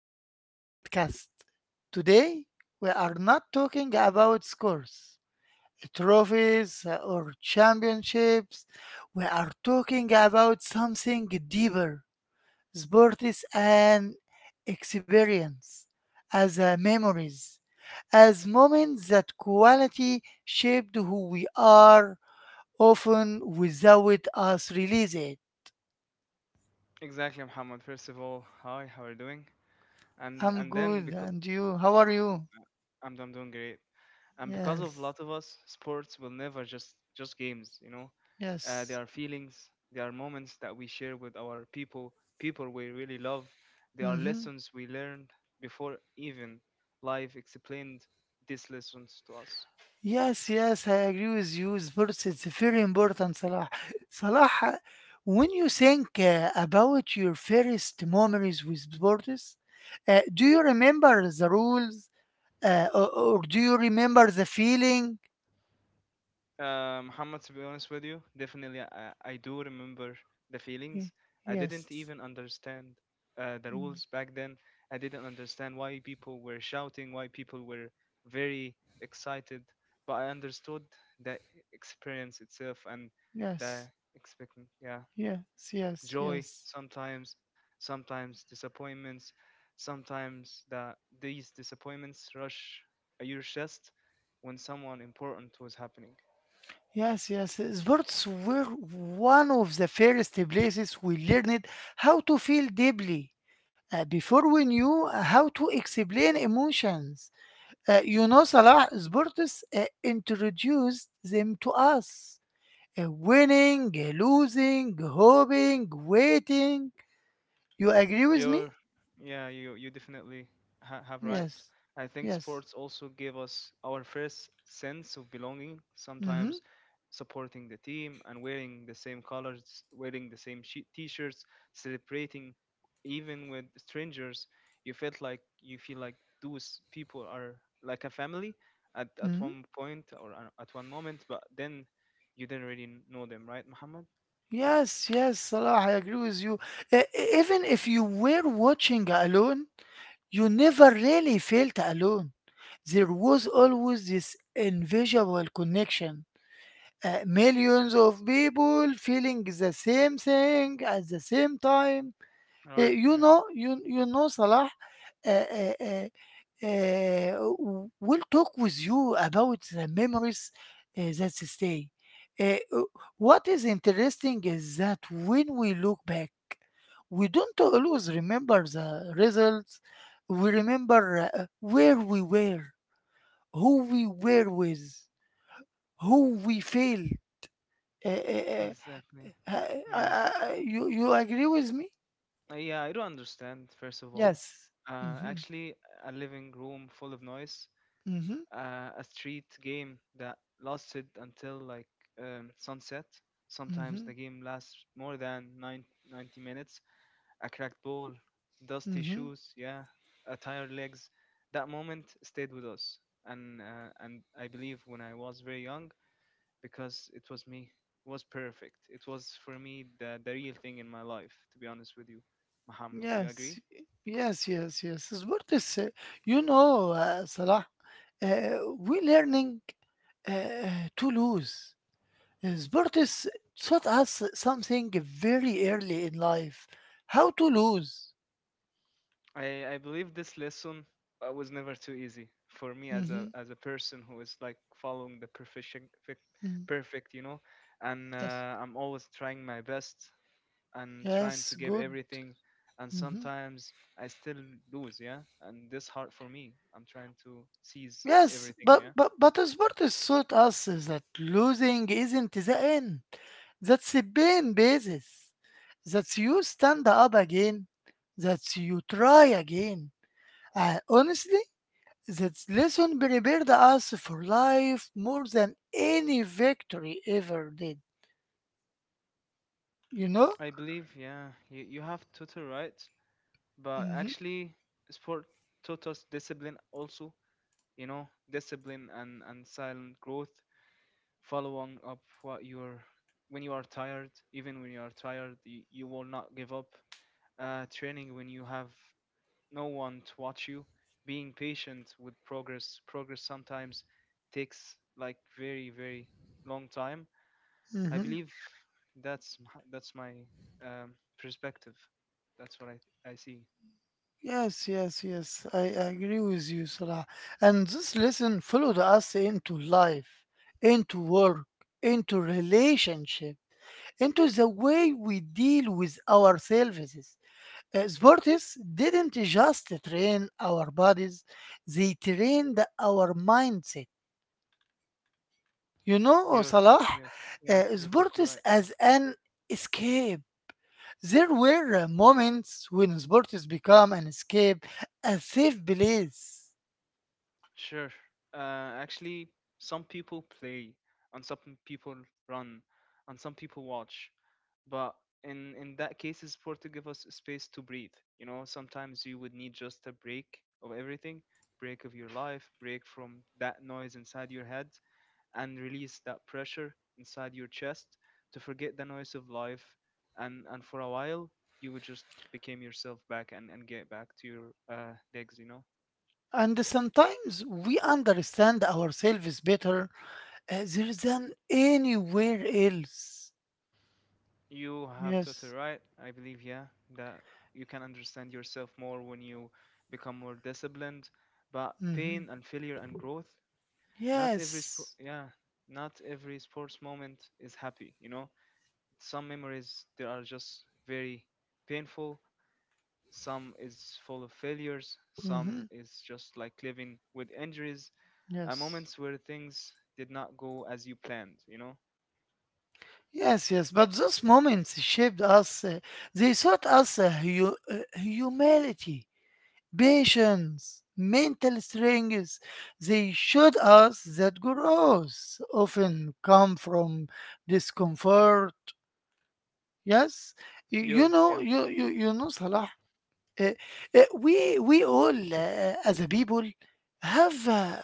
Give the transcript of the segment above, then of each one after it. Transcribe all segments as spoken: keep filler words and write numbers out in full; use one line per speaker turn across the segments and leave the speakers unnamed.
of our podcast. Today, we are not talking about scores, trophies, or championships. We are talking about something deeper. Sport is an experience, as a memories, as moments that quality shaped who we are, often without us realizing.
Exactly, Muhammad. First of all, hi, how are you doing? And
I'm
and then
good.
because
And you? How are you?
I'm I'm doing great. And because of a
Yes.
lot of us, sports will never just just games. You know, uh, they
Yes.
are feelings. They are moments that we share with our people, people we really love. They are
Mm-hmm.
lessons we learned before even life explained these lessons to us.
Yes, yes, I agree with you. Sports it's very important, Salah. Salah, uh, when you think uh, about your first memories with sports, uh, do you remember the rules uh, or, or do you remember the feeling?
Uh, Muhammad, to be honest with you, definitely I, I do remember the feelings.
Ye-
I didn't
Yes.
even understand uh, the
Mm.
rules back then. I didn't understand why people were shouting, why people were very excited. But I understood the experience itself and
Yes.
the expectant, yeah,
Yes, yes,
joy
yes.
sometimes, sometimes disappointments, sometimes the these disappointments rush your chest when someone important was happening.
Yes, yes. Sports were one of the first places we learned how to feel deeply. Uh, before we knew uh, how to explain emotions, uh, you know, Salah, sports uh, introduced them to us. Uh, winning, uh, losing, hoping, waiting. You agree with
You're,
me?
yeah, you you definitely ha have right.
Yes,
I think
yes.
sports also give us our first sense of belonging.
Mm-hmm.
Sometimes supporting the team and wearing the same colors, wearing the same shi- t-shirts, celebrating even with strangers, you felt like you feel like those people are like a family at at
Mm-hmm.
one point or a- at one moment, but then you didn't really know them, right, Muhammad?
Yes, yes, Salah, I agree with you. Uh, Even if you were watching alone, you never really felt alone. There was always this invisible connection. Uh, millions of people feeling the same thing at the same time.
Right,
Uh,
yeah.
you know, you you know, Salah, uh, uh, uh, uh, w- will talk with you about the memories uh, that stay. Uh, uh, what is interesting is that when we look back, we don't always remember the results. We remember uh, where we were, who we were with, who we fail. Uh, uh,
Exactly.
uh, uh,
Yeah.
uh, you you agree with me?
Uh, yeah, I don't understand, first of all.
Yes.
Uh,
Hmm.
actually, a living room full of noise,
Hmm.
uh, a street game that lasted until like um, sunset. Sometimes
Mm-hmm.
the game lasts more than nine ninety minutes. A cracked ball, dusty
Mm-hmm.
shoes, yeah, a tired legs. That moment stayed with us, and uh, and I believe when I was very young, because it was me, was perfect. It was for me the the real thing in my life, to be honest with you, Muhammad. Do you agree?
Yes. Yes. Yes. Yes. Sport is, uh, you know, uh, Salah, uh, we learning uh, to lose. Uh, Sport is taught us something very early in life, how to lose.
I, I believe this lesson uh, was never too easy for me as
Mm-hmm.
a as a person who is like following the perfection perfect,
Mm.
perfect, you know, and
Yes.
uh, I'm always trying my best and trying
Yes.
to give
Good.
everything, and
Mm-hmm.
sometimes I still lose, yeah, and this hard for me. I'm trying to seize
Yes.
everything,
But
yeah.
but but sport is taught us is that losing isn't the end. That's a pain basis. That you stand up again. That you try again. And honestly, that lesson prepared us for life more than any victory ever did. You know?
I believe, yeah, you, you have total right, but
Hmm.
actually sport taught us discipline also. You know, discipline and and silent growth, following up what you're when you are tired. Even when you are tired, you, you will not give up. uh, training when you have no one to watch you, being patient with progress. progress sometimes takes like very, very long time. I
Hmm.
believe that's m- that's my um, perspective. That's what i i see.
Yes, yes, yes. I agree with you, Salah. And this lesson followed us into life, into work, into relationship, into the way we deal with ourselves. Uh, sports didn't just train our bodies, they trained our mindset. You know,
you're
Salah,
you are yeah,
uh,
you're totally
sports
right.
as an escape. There were uh, moments when sports become an escape, a safe place.
Sure. Uh, actually, some people play, and some people run, and some people watch. But in in that case, it's important to give us space to breathe. You know, sometimes you would need just a break of everything, break of your life, break from that noise inside your head, and release that pressure inside your chest to forget the noise of life. And and for a while, you would just become yourself back and and get back to your uh legs. You know.
And sometimes we understand ourselves better uh, there than anywhere else.
You have totally
Yes.
right. I believe, yeah, that you can understand yourself more when you become more disciplined. But pain
Hmm.
and failure and growth, not every sp-
Yes.
yeah, not every sports moment is happy, you know? Some memories they are just very painful, some is full of failures, some
Hmm.
is just like living with injuries, uh,
Yes.
moments where things did not go as you planned, you know?
Yes, yes, but those moments shaped us. Uh, they taught us uh, hu- uh, humility, patience, mental strength. They showed us that growth often come from discomfort. Yes, Y- you
You're
know,
yeah,
you you you know, Salah. uh, uh, we we all uh, as a people have uh,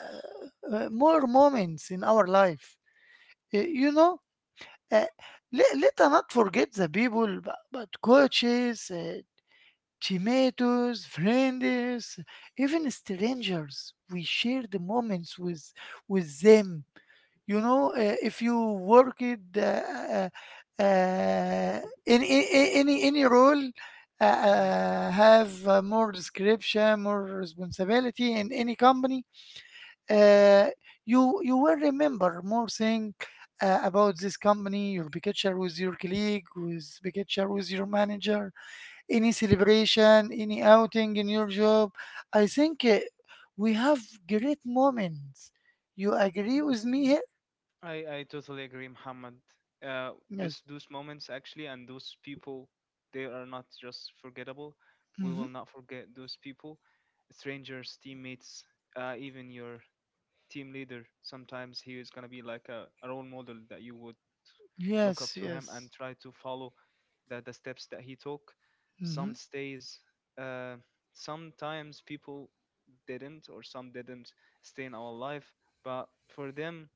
uh, more moments in our life. Uh, you know uh, let, let us not forget the people, but, but coaches, uh, tomatoes, friends, even strangers. We share the moments with with them. You know, uh, if you work it, uh, uh, uh, in, in, in- any any role, uh,
yeah,
uh, have uh, more description, more responsibility in any company,
exactly.
uh, you you will remember more thing uh, about this company. You'll be picture with your colleague, with be picture with your manager, any celebration, any outing in your job. I think uh, we have great moments. You agree with me here?
I, I totally agree, Muhammad. Uh, this
Yes.
those moments actually, and those people, they are not just forgettable. We
Hmm.
will not forget those people, strangers, teammates, uh, even your team leader. Sometimes he is gonna be like a, a role model that you would look up
Yes.
to him and
Yes.
try to follow the, the steps that he took.
Hmm.
Some stays. Uh, sometimes people didn't, or some didn't stay in our life, but for them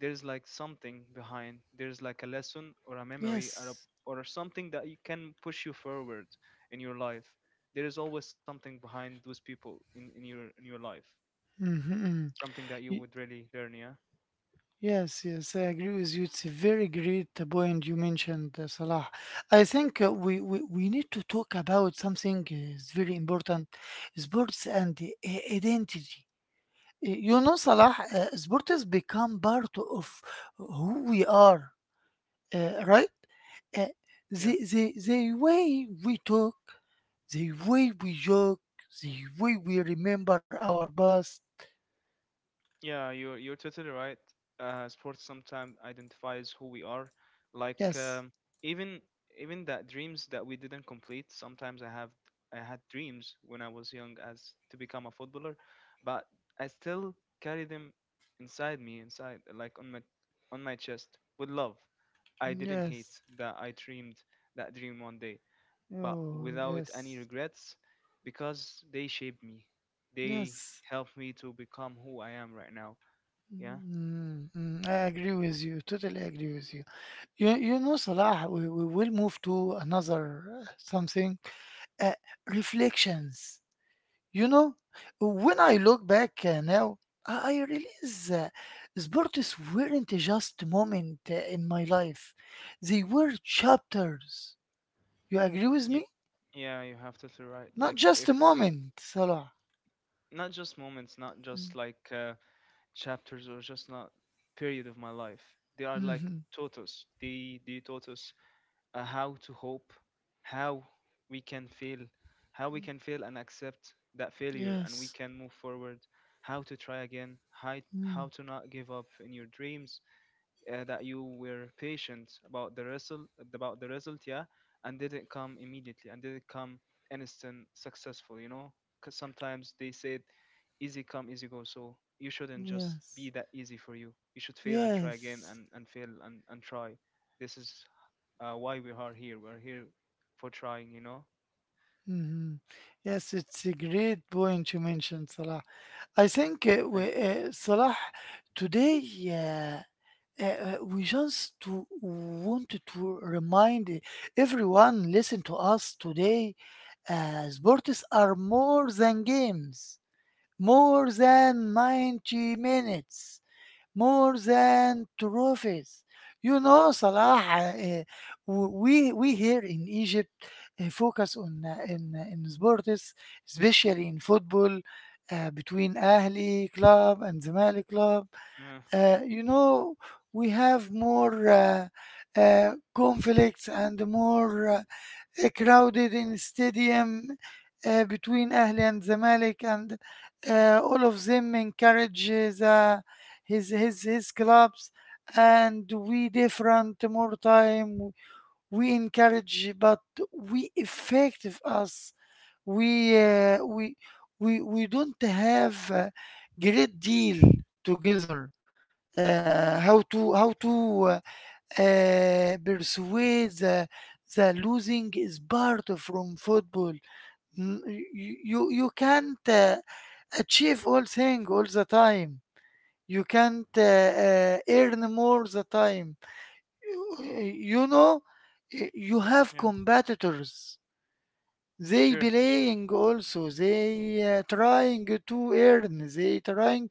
there's like something behind there's like a lesson or a memory or a,
Yes.
or something that you can push you forward in your life. There is always something behind those people in, in your in your life,
Hmm.
something that you would really learn, yeah.
Yes, yes, I agree with you. It's a very great uh, point you mentioned, uh, Salah. I think uh, we, we, we need to talk about something uh, is very important, sports and uh, identity. Uh, You know, Salah, uh, sports become part of who we are, uh, right? Uh,
Yeah,
the, the, the way we talk, the way we joke, the way we remember our past.
Yeah, you're you're totally right. Uh, sports sometimes identifies who we are. Like
Yes,
um, even even that dreams that we didn't complete. Sometimes I have I had dreams when I was young as to become a footballer, but I still carry them inside me, inside like on my on my chest with love. I didn't
yes,
hate that I dreamed that dream one day, but
oh,
without any
yes,
regrets, because they shaped me. They
yes.
helped me to become who I am right now, yeah.
Mm, mm, I agree with you. Totally agree with you. You, you know, Salah, we, we will move to another uh, something. Uh, Reflections. You know, when I look back uh, now, I, I realize uh, sports weren't just moment uh, in my life. They were chapters. You agree with
You,
me?
yeah, you have to write,
Not
like
just a
if we
moment, Salah.
not just moments, not
Mm,
just like uh, chapters or just not period of my life. They are like
mhm.
taught us. They they taught us uh, how to hope, how we can fail, how we can fail and accept that failure, and we
Yes.
can move forward. How to try again, how, how
Mm,
to not give up in your dreams, uh, that you were patient about the result about the result, yeah, and didn't come immediately and didn't come instant successful, you know, because sometimes they said easy come easy go, so you shouldn't just
yes.
be that easy for you. You should fail and try again
Yes.
and, and fail and, and try. This is uh, why we are here we're here for trying, you know.
Mhm. Yes, it's a great point you mentioned, Salah. I think uh,
Thank you.
we, uh, Salah today, uh, uh, uh, we just to wanted to remind everyone listen to us today. Uh, sports are more than games, more than ninety minutes more than trophies. You know, Salah, uh, we, we here in Egypt uh, focus on uh, in, in sports, especially in football, uh, between Ahli club and Zamalek club.
Yeah.
Uh, you know, we have more uh, uh, conflicts and more uh, uh, crowded in stadium uh, between Ahli and Zamalek, and uh, all of them encourage his, uh, the, his his his clubs. And we different more time. We encourage, but we effective us. We uh, we we we don't have a great deal together. Uh, how to how to uh, uh, persuade the, the losing is part of from football. N- You, you, you can't uh, achieve all thing all the time. You can't uh, uh, earn more the time. You know, you have
Yeah.
competitors. They
Sure, sure.
playing also. They uh, trying to earn. They trying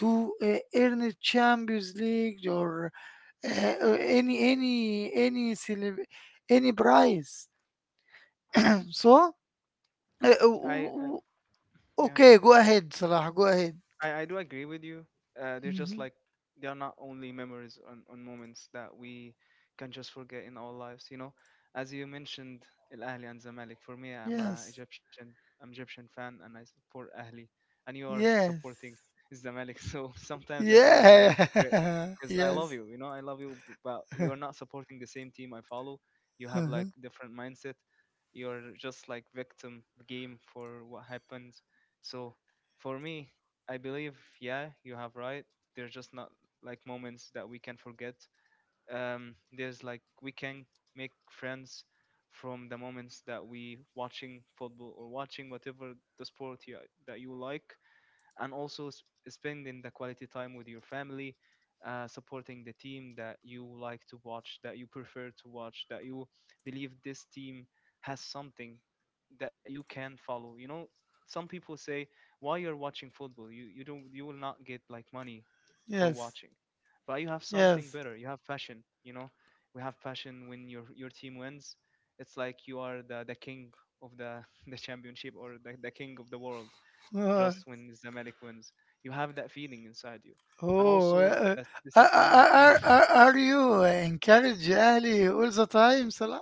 to uh, earn Champions League or uh, uh, any any any celeb- any price. So uh, uh,
i,
w-
I
w-
yeah,
okay, go ahead, Salah. Go ahead.
I, I do agree with you. Uh, they're just
Hmm.
like they are not only memories on, on moments that we can just forget in our lives. You know, as you mentioned, Al Ahly and Zamalek. For me, I'm a
Yes,
Egyptian. I'm Egyptian fan, and I support Ahli, and you are
yes,
supporting Zamalek. So sometimes I feel like I'm a
yeah,
hypocrite because I love
yes,
you. You know, I love you, b- but you are not supporting the same team I follow. You have like
Mhm.
different mindset. You're just like victim game for what happens. So for me, I believe, yeah, you have right. There's just not like moments that we can forget. Um, there's like we can make friends from the moments that we watching football or watching whatever the sport you, that you like, and also s- spending the quality time with your family, uh, supporting the team that you like to watch, that you prefer to watch, that you believe this team has something that you can follow. You know, some people say, "Why you're watching football? You you don't, you will not get like money for
Yes,
watching, but you have something
yes.
better. You have passion. You know, we have passion when your your team wins. It's like you are the the king of the the championship or the, the king of the world
Uh,
just when Zamalek wins. You have that feeling inside you, and
Oh,
also
uh,
that
are,
disappointing
are,
feeling.
are, are you encourage Ali all the time, Salah?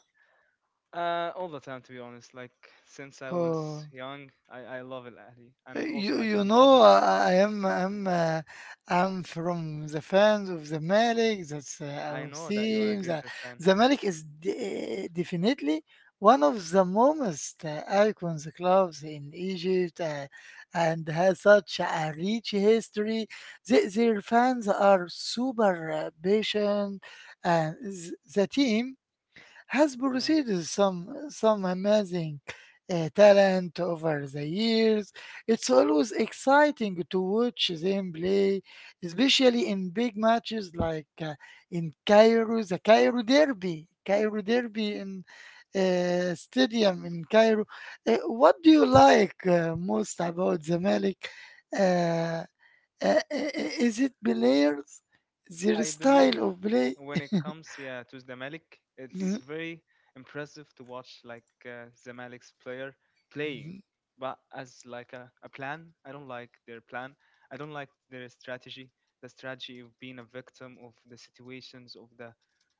Uh, all the time, to be honest. Like since I was
Oh.
young, I I love Al Ahly, and also
You
my
you know
grandfather.
I, I am I'm uh, I'm from the fans of Zamalek. That's uh,
I
our
know that you are a
team. The
greater fan.
Zamalek is de- definitely one of the most uh, icons clubs in Egypt, uh, and has such a rich history. The, their fans are super uh, patient, and th- the team has
Yeah.
produced some some amazing uh, talent over the years. It's always exciting to watch them play, especially in big matches like uh, in Cairo, the Cairo Derby, Cairo Derby in uh, stadium in Cairo. Uh, what do you like uh, most about Zamalek? Uh, uh, uh, is it players, their
I believe
style of play?
when it comes, yeah, to Zamalek, it's very impressive to watch like uh, Zamalek's player playing. But as like a, a plan, I don't like their plan. I don't like their strategy. The strategy of being a victim of the situations of the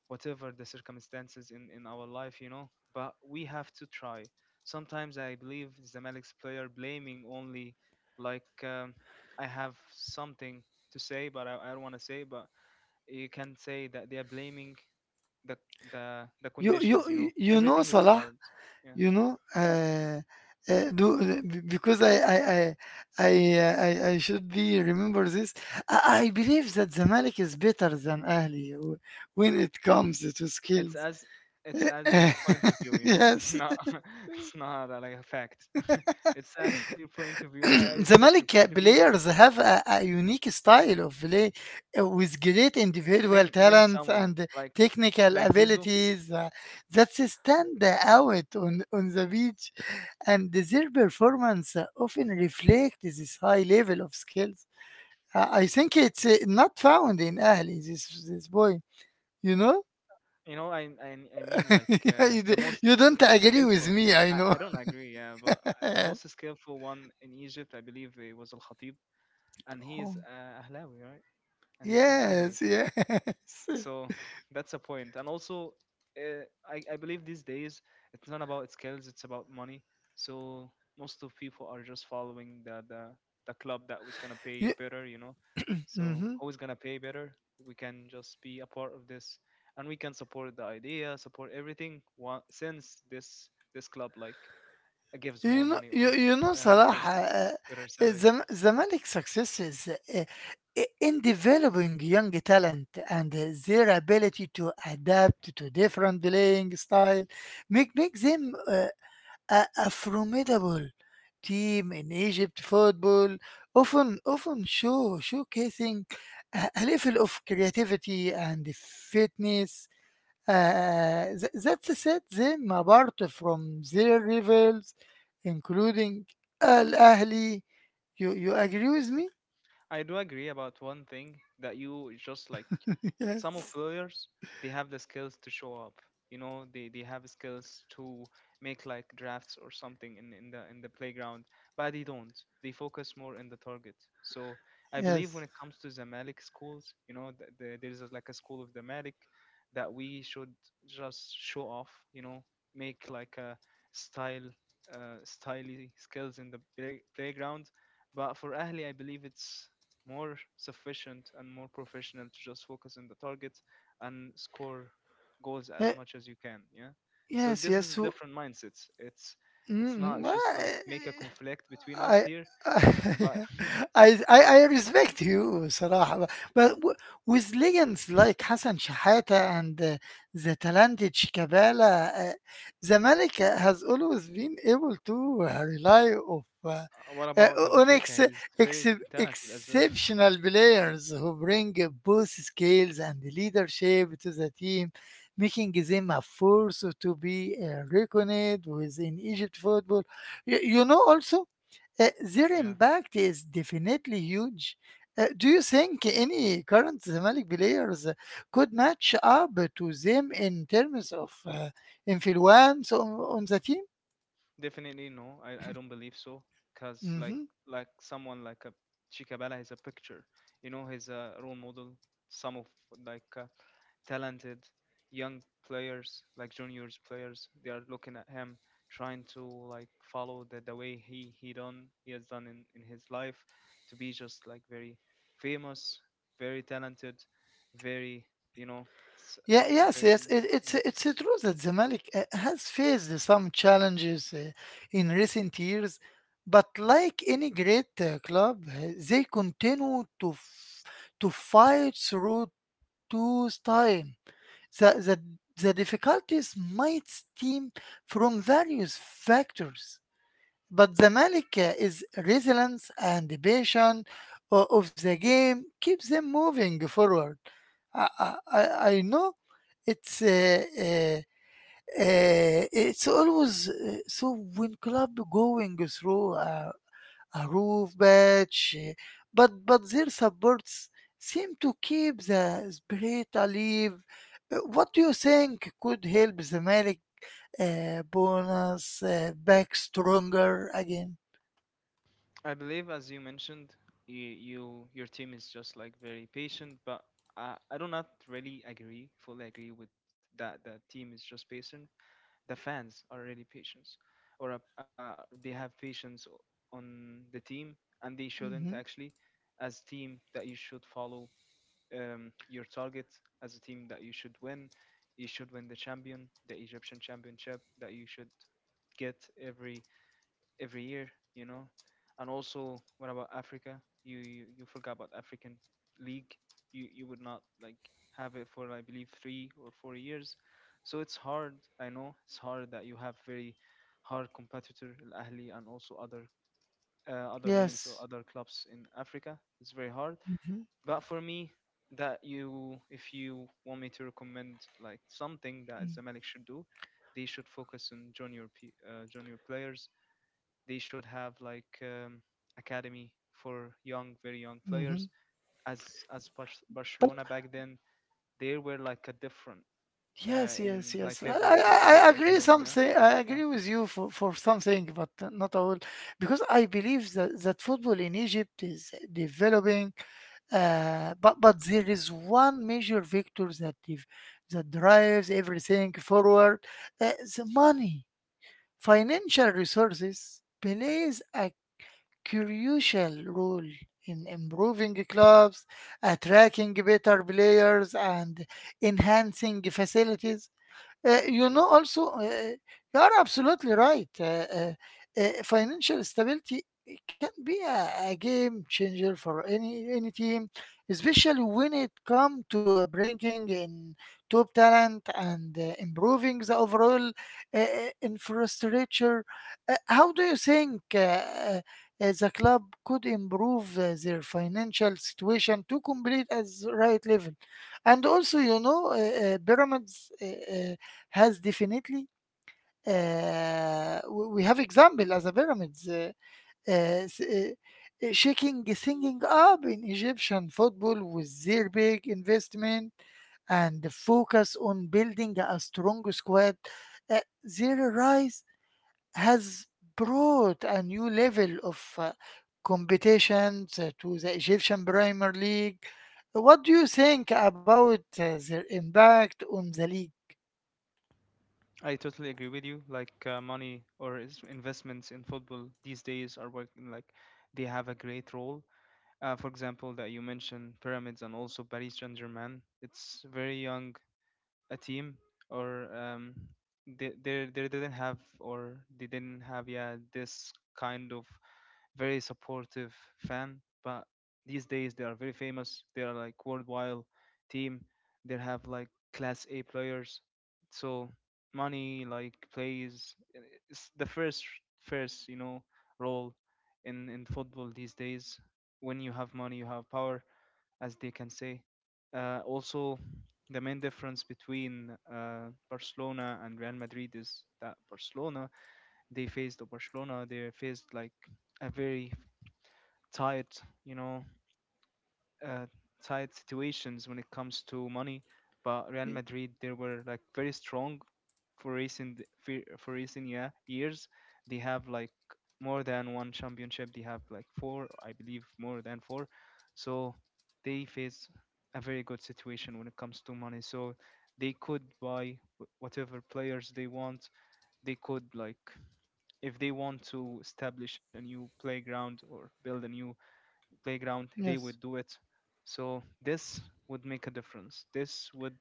whatever the circumstances in in our life, you know. But we have to try. Sometimes I believe Zamalek's player blaming only like um, I have something to say, but I, I don't want to say, but you can say that they are blaming the the the
You you
conditions. You know,
you you know,
everything is
Salah,
hard, yeah.
you know, uh, uh, do be- because I I I I, uh, I I should be remember this. I, I believe that Zamalek is better than Ahli w- when it comes to
It's
skills.
as it's as your point of view, you know,
yes,
not it's not uh, like a fact. It's as your point of view. I, I respect your point of
Zamalek
view.
players have a, a unique style of play uh, with great
Name
individual
name
talent
someone
and
like
technical
like Zizou.
abilities uh, that stand out on, on the beach, and their performance uh, often reflects this high level of skills. Uh, I think it's uh, not found in Ahli, this, this boy, you know?
You know, I I, I mean like uh,
you,
the
d-
most
you don't
s-
agree with
skillful.
me, I
I, I
know.
don't agree, yeah, but uh, the most skillful one in Egypt I believe it was Al Khatib, and he is
Oh,
uh, Ahlawi, right, and he's from Ahli.
yes, yes.
So that's a point. And also, uh, I, I believe these days it's not about skills, it's about money. So most of people are just following the the, the club that was gonna pay
You,
better, you know. So
mm-hmm.
who's gonna pay better. We can just be a part of this, and we can support the idea, support everything. wa- Since this this club like uh, gives
You
more
know,
money
you,
or
you know,
uh,
Salah,
gives
uh,
better salary.
the Zam- Zamalek's success is uh, i- in developing young talent and uh, their ability to adapt to different playing style, make make them uh, a, a formidable team in Egypt football. Often, often show showcasing a, a level of creativity and fitness uh, th- that set them apart from their rivals, including Al Ahli. You, you agree with me?
I do agree about one thing that you just like some of
yes,
players they have the skills to show up. You know, they, they have skills to make like drafts or something in, in the in the playground, but they don't. They focus more in the target. So I believe
yes,
when it comes to Zamalek schools, you know, th the, there's a, like a school of Zamalek that we should just show off. You know, make like a style, uh, styly skills in the play, playground. But for Ahli, I believe it's more sufficient and more professional to just focus on the targets and score goals as
Uh,
much as you can, yeah. So
yes,
this
yes.
is a
So,
different mindset it's It's not
mm, mm, uh,
just like make a conflict between us
I
here but
I I I respect you صراحة ب- but w- with legends like Hassan Shahata and uh, the talented Shikabala uh, Zamalek has always been able to uh, rely of uh,
what
uh,
about Abu
on
Trika?
ex-
He's very
ex-
talented as well.
exceptional players who bring both skills and leadership to the team making them a force to be uh, reckoned with in Egypt football. You, you know also, uh, their
Yeah.
impact is definitely huge. Uh, do you think any current Zamalek players uh, could match up to them in terms of uh, influence on, on the team?
Definitely no. I, I don't believe so. Cause like
Hmm.
like someone like a Chikabala is a picture. You know, he's a role model. Some of like uh, talented young players, like juniors players, they are looking at him, trying to like follow the, the way he he done he has done in, in his life, to be just like very famous, very talented, very, you know, s-
Yeah, yes,
very.
yes. It, it's it's true that Zamalek uh, has faced some challenges uh, in recent years, but like any great uh, club, uh, they continue to f- to fight through tough time. The, the, the difficulties might stem from various factors, but the Malika is resilience and passion o- of the game keeps them moving forward. I, I, I I know it's uh, uh, uh, it's always uh, so when club going through a, a roof patch, eh, but but their supports seem to keep the spirit alive. Uh, What do you think could help the Malik uh, bonus uh, back stronger again?
I believe, as you mentioned, you, you your team is just like very patient, but I, I do not really agree, fully agree with that. The team is just patient. The fans are really patient, or uh, uh, they have patience o- on the team, and they shouldn't
Hmm.
actually. As team, that you should follow um, your target. As a team, that you should win. You should win the champion, the Egyptian championship. That you should get every every year, you know. And also, what about Africa? You you, you forgot about African League. You you would not like have it for I believe three or four years. So it's hard. I know it's hard that you have very hard competitor Al Ahly and also other uh, other names or
Yes.
other clubs in Africa. It's very hard.
Hmm.
But for me, that you, if you want me to recommend like something that Zamalek should do, they should focus on junior p- uh, junior players. They should have like um, academy for young, very young players.
Hmm.
As as Bar Barcelona back then, there were like a different uh,
Yes,
in
yes,
like
yes. I, I,
levels between
I
in
I agree
Barcelona. Yeah,
something. I
yeah.
agree with you for, for something, but not all, because I believe that, that football in Egypt is developing Uh, but but there is one major vector that if, that drives everything forward. Uh, the money, financial resources, plays a crucial role in improving clubs, attracting better players, and enhancing facilities. Uh, you know, also, uh, you are absolutely right. Uh, uh, uh, financial stability can be a, a game changer for any any team, especially when it comes to uh, bringing in top talent and uh, improving the overall uh, uh, infrastructure. Uh, how do you think uh, uh, uh, the club could improve uh, their financial situation to complete as right level? And also, you know, uh, uh, pyramids. Uh, uh, has definitely, uh, we we have example as a pyramids, uh, uh, s- uh, uh, shaking singing up in Egyptian football with their big investment and the focus on building a strong squad. Uh, their rise has brought a new level of uh, competition uh, to the Egyptian Premier League. What do you think about uh, their impact on the league?
I totally agree with you. Like uh, money or is investments in football these days are working like they have a great role. Uh, for example, that you mentioned pyramids and also Paris Saint Germain. It's very young a team or um, they, they they didn't have, or they didn't have, yeah, this kind of very supportive fan, but these days they are very famous. They are like worldwide team. They have like class a players. So money like plays, uh, it's the first first, you know, role in in football these days. When you have money, you have power, as they can say. Uh, also, the main difference between uh, Barcelona and Real Madrid is that Barcelona they faced Barcelona they faced like a very tight, you know, uh, tight situations when it comes to money, but Real
Y-
Madrid they were like very strong for recent fe- for recent, yeah, years. They have like more than one championship. They have like four, I believe, more than four. So they face a very good situation when it comes to money. So they could buy wh- whatever players they want. They could like, if they want to establish a new playground or build a new playground, they would
Yes.
do it. So this would make a difference. This would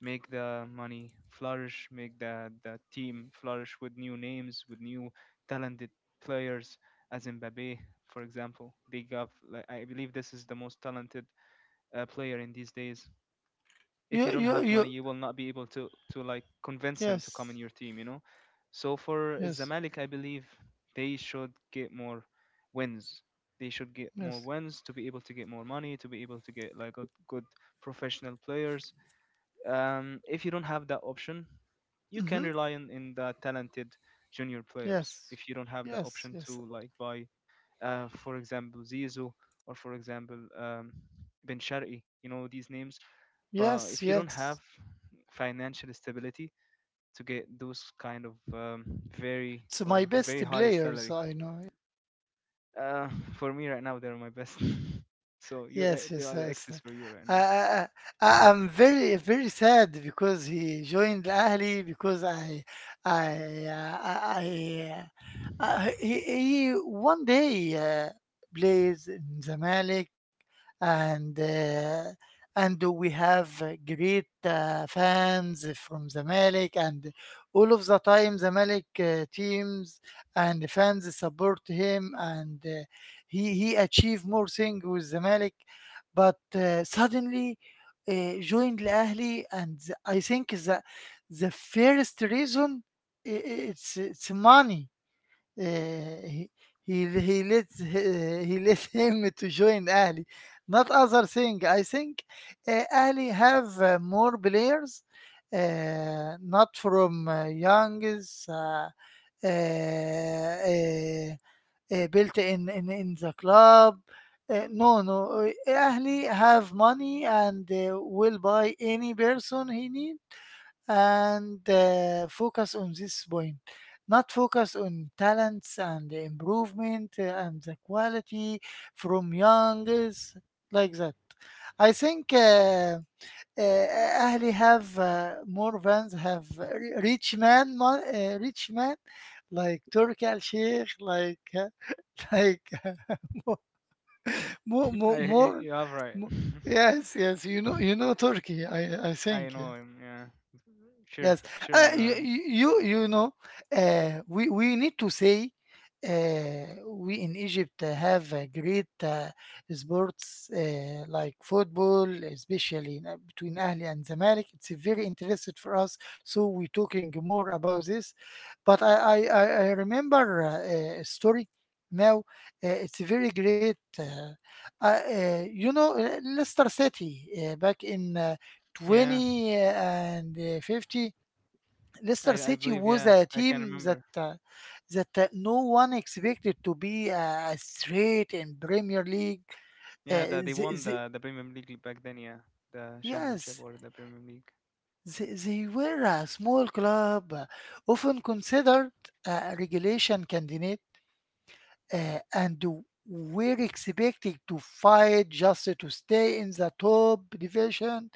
make the money flourish, make the, the team flourish with new names, with new talented players, as in Mbappe, for example. They got, like, I believe this is the most talented uh, player in these days. If
You
you don't
you
have
you
money, you will not be able to to like convince him to come in
yes,
your team, you know. So for
yes,
Zamalek, I believe they should get more wins they should get more
yes,
wins to be able to get more money, to be able to get like a good professional players. um, if you don't have that option, you
mm-hmm,
can rely on in the talented junior players.
yes,
If you don't have the
yes,
option
yes,
to like buy, uh, for example, Zizou, or for example, um, Ben Shari, you know these names. But
yes,
if you don't have
yes.
financial stability to get those kind of um, very
It's my
or
best
very high
players,
salary,
I know.
uh, for me right now they're my best. So you're e-
Yes,
they
yes,
are
yes.
excess for you right
I,
now.
I, I- I'm very, very sad because he joined Ahli because I, I, uh, I, I uh, he, he one day uh, plays in Zamalek, and uh, and we have great uh, fans from Zamalek, and all of the time Zamalek uh, teams and fans support him, and uh, he he achieved more thing with Zamalek, but uh, suddenly uh, joined Al-Ahli. And th- I think that the first reason i- i- it's it's money. uh, he, he he let he, he let him to join Ahli, not other thing, I think. uh, Ahli have uh, more players, uh, not from uh, youngs uh, uh, uh, uh, built in, in in the club. Uh, no, no. uh, Ahli have money and uh, will buy any person he need and uh, focus on this point. Not focus on talents and the improvement uh, and the quality from young is like that, I think. Uh, uh, Ahli have uh, more fans, have ri- rich man, mon- uh, rich man, like Turki Al Sheikh, like uh, like uh, more, more,
I
more,
I-
more.
you have right.
Yes, yes, you know, you know Turkey, I, I
I
think.
know
Yeah.
him, yeah. Sure,
Yes,
sure,
uh,
I know
you,
him.
you you know, uh, we we need to say, uh, we in Egypt uh, have a great uh, sports uh, like football, especially in, uh, between Ahli and Zamalek. It's uh, very interested for us, so we're talking more about this. But I I I I remember uh, a story now. Uh, it's very great. Uh, uh, uh, you know, uh, Leicester City uh, back in. Uh,
Yeah.
twenty uh, and uh, fifty.
i
Leicester
i
City
believe,
was
yeah,
a
I can
team that
remember.
uh, that uh, no one expected to be uh, straight in Premier League.
Yeah, that
Uh,
they
the,
won
the,
the the Premier league back then, yeah. The championship,
yes,
or the Premier league.
they, they were a small club, uh, often considered a relegation candidate, uh, and were expected to fight just to stay in the top division.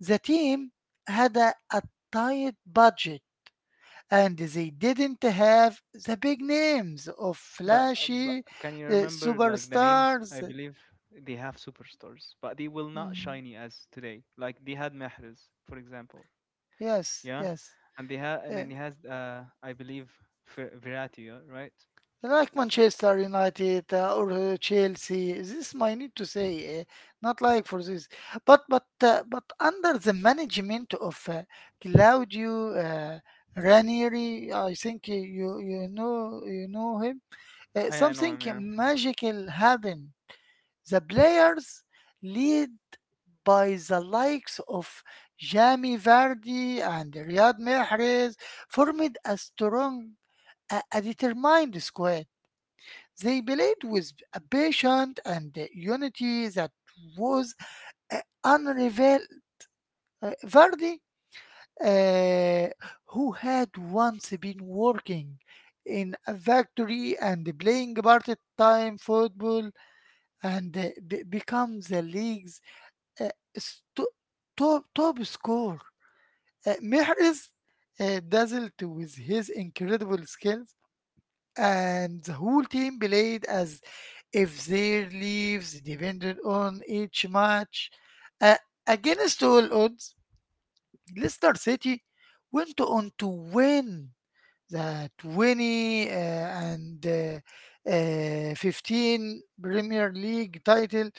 The team had a, a tight budget, and they didn't have the big names of
But, uh, but
flashy
can you
uh,
remember like the names? I
superstars.
believe they have superstars, but they will not
Mhm.
shiny as today. Like they had Mahrez, for example,
Yes,
yeah,
yes.
and they had, and
Uh,
then he has, uh, I believe Fer- Verratti, yeah, right?
like Manchester United uh, or uh, Chelsea, this might need to say, uh, not like for this, but but uh, but under the management of uh, Claudio uh, Ranieri. I think you you you know you know him. Uh,
I I know
something
him, yeah.
magical happened. The players lead by the likes of Jamie Vardy and Riyad Mahrez formed a strong, a, a determined squad. They played with a patient and a unity that was uh, unrevealed. Uh, Vardy, uh, who had once been working in a factory and playing part-time football, and uh, be- become the league's uh, st- top top scorer. Uh, Mehris uh, dazzled with his incredible skills, and the whole team played as if their lives depended on each match. Uh, Against all odds, Leicester City went on to win the twenty uh, and uh, uh, fifteen Premier League title.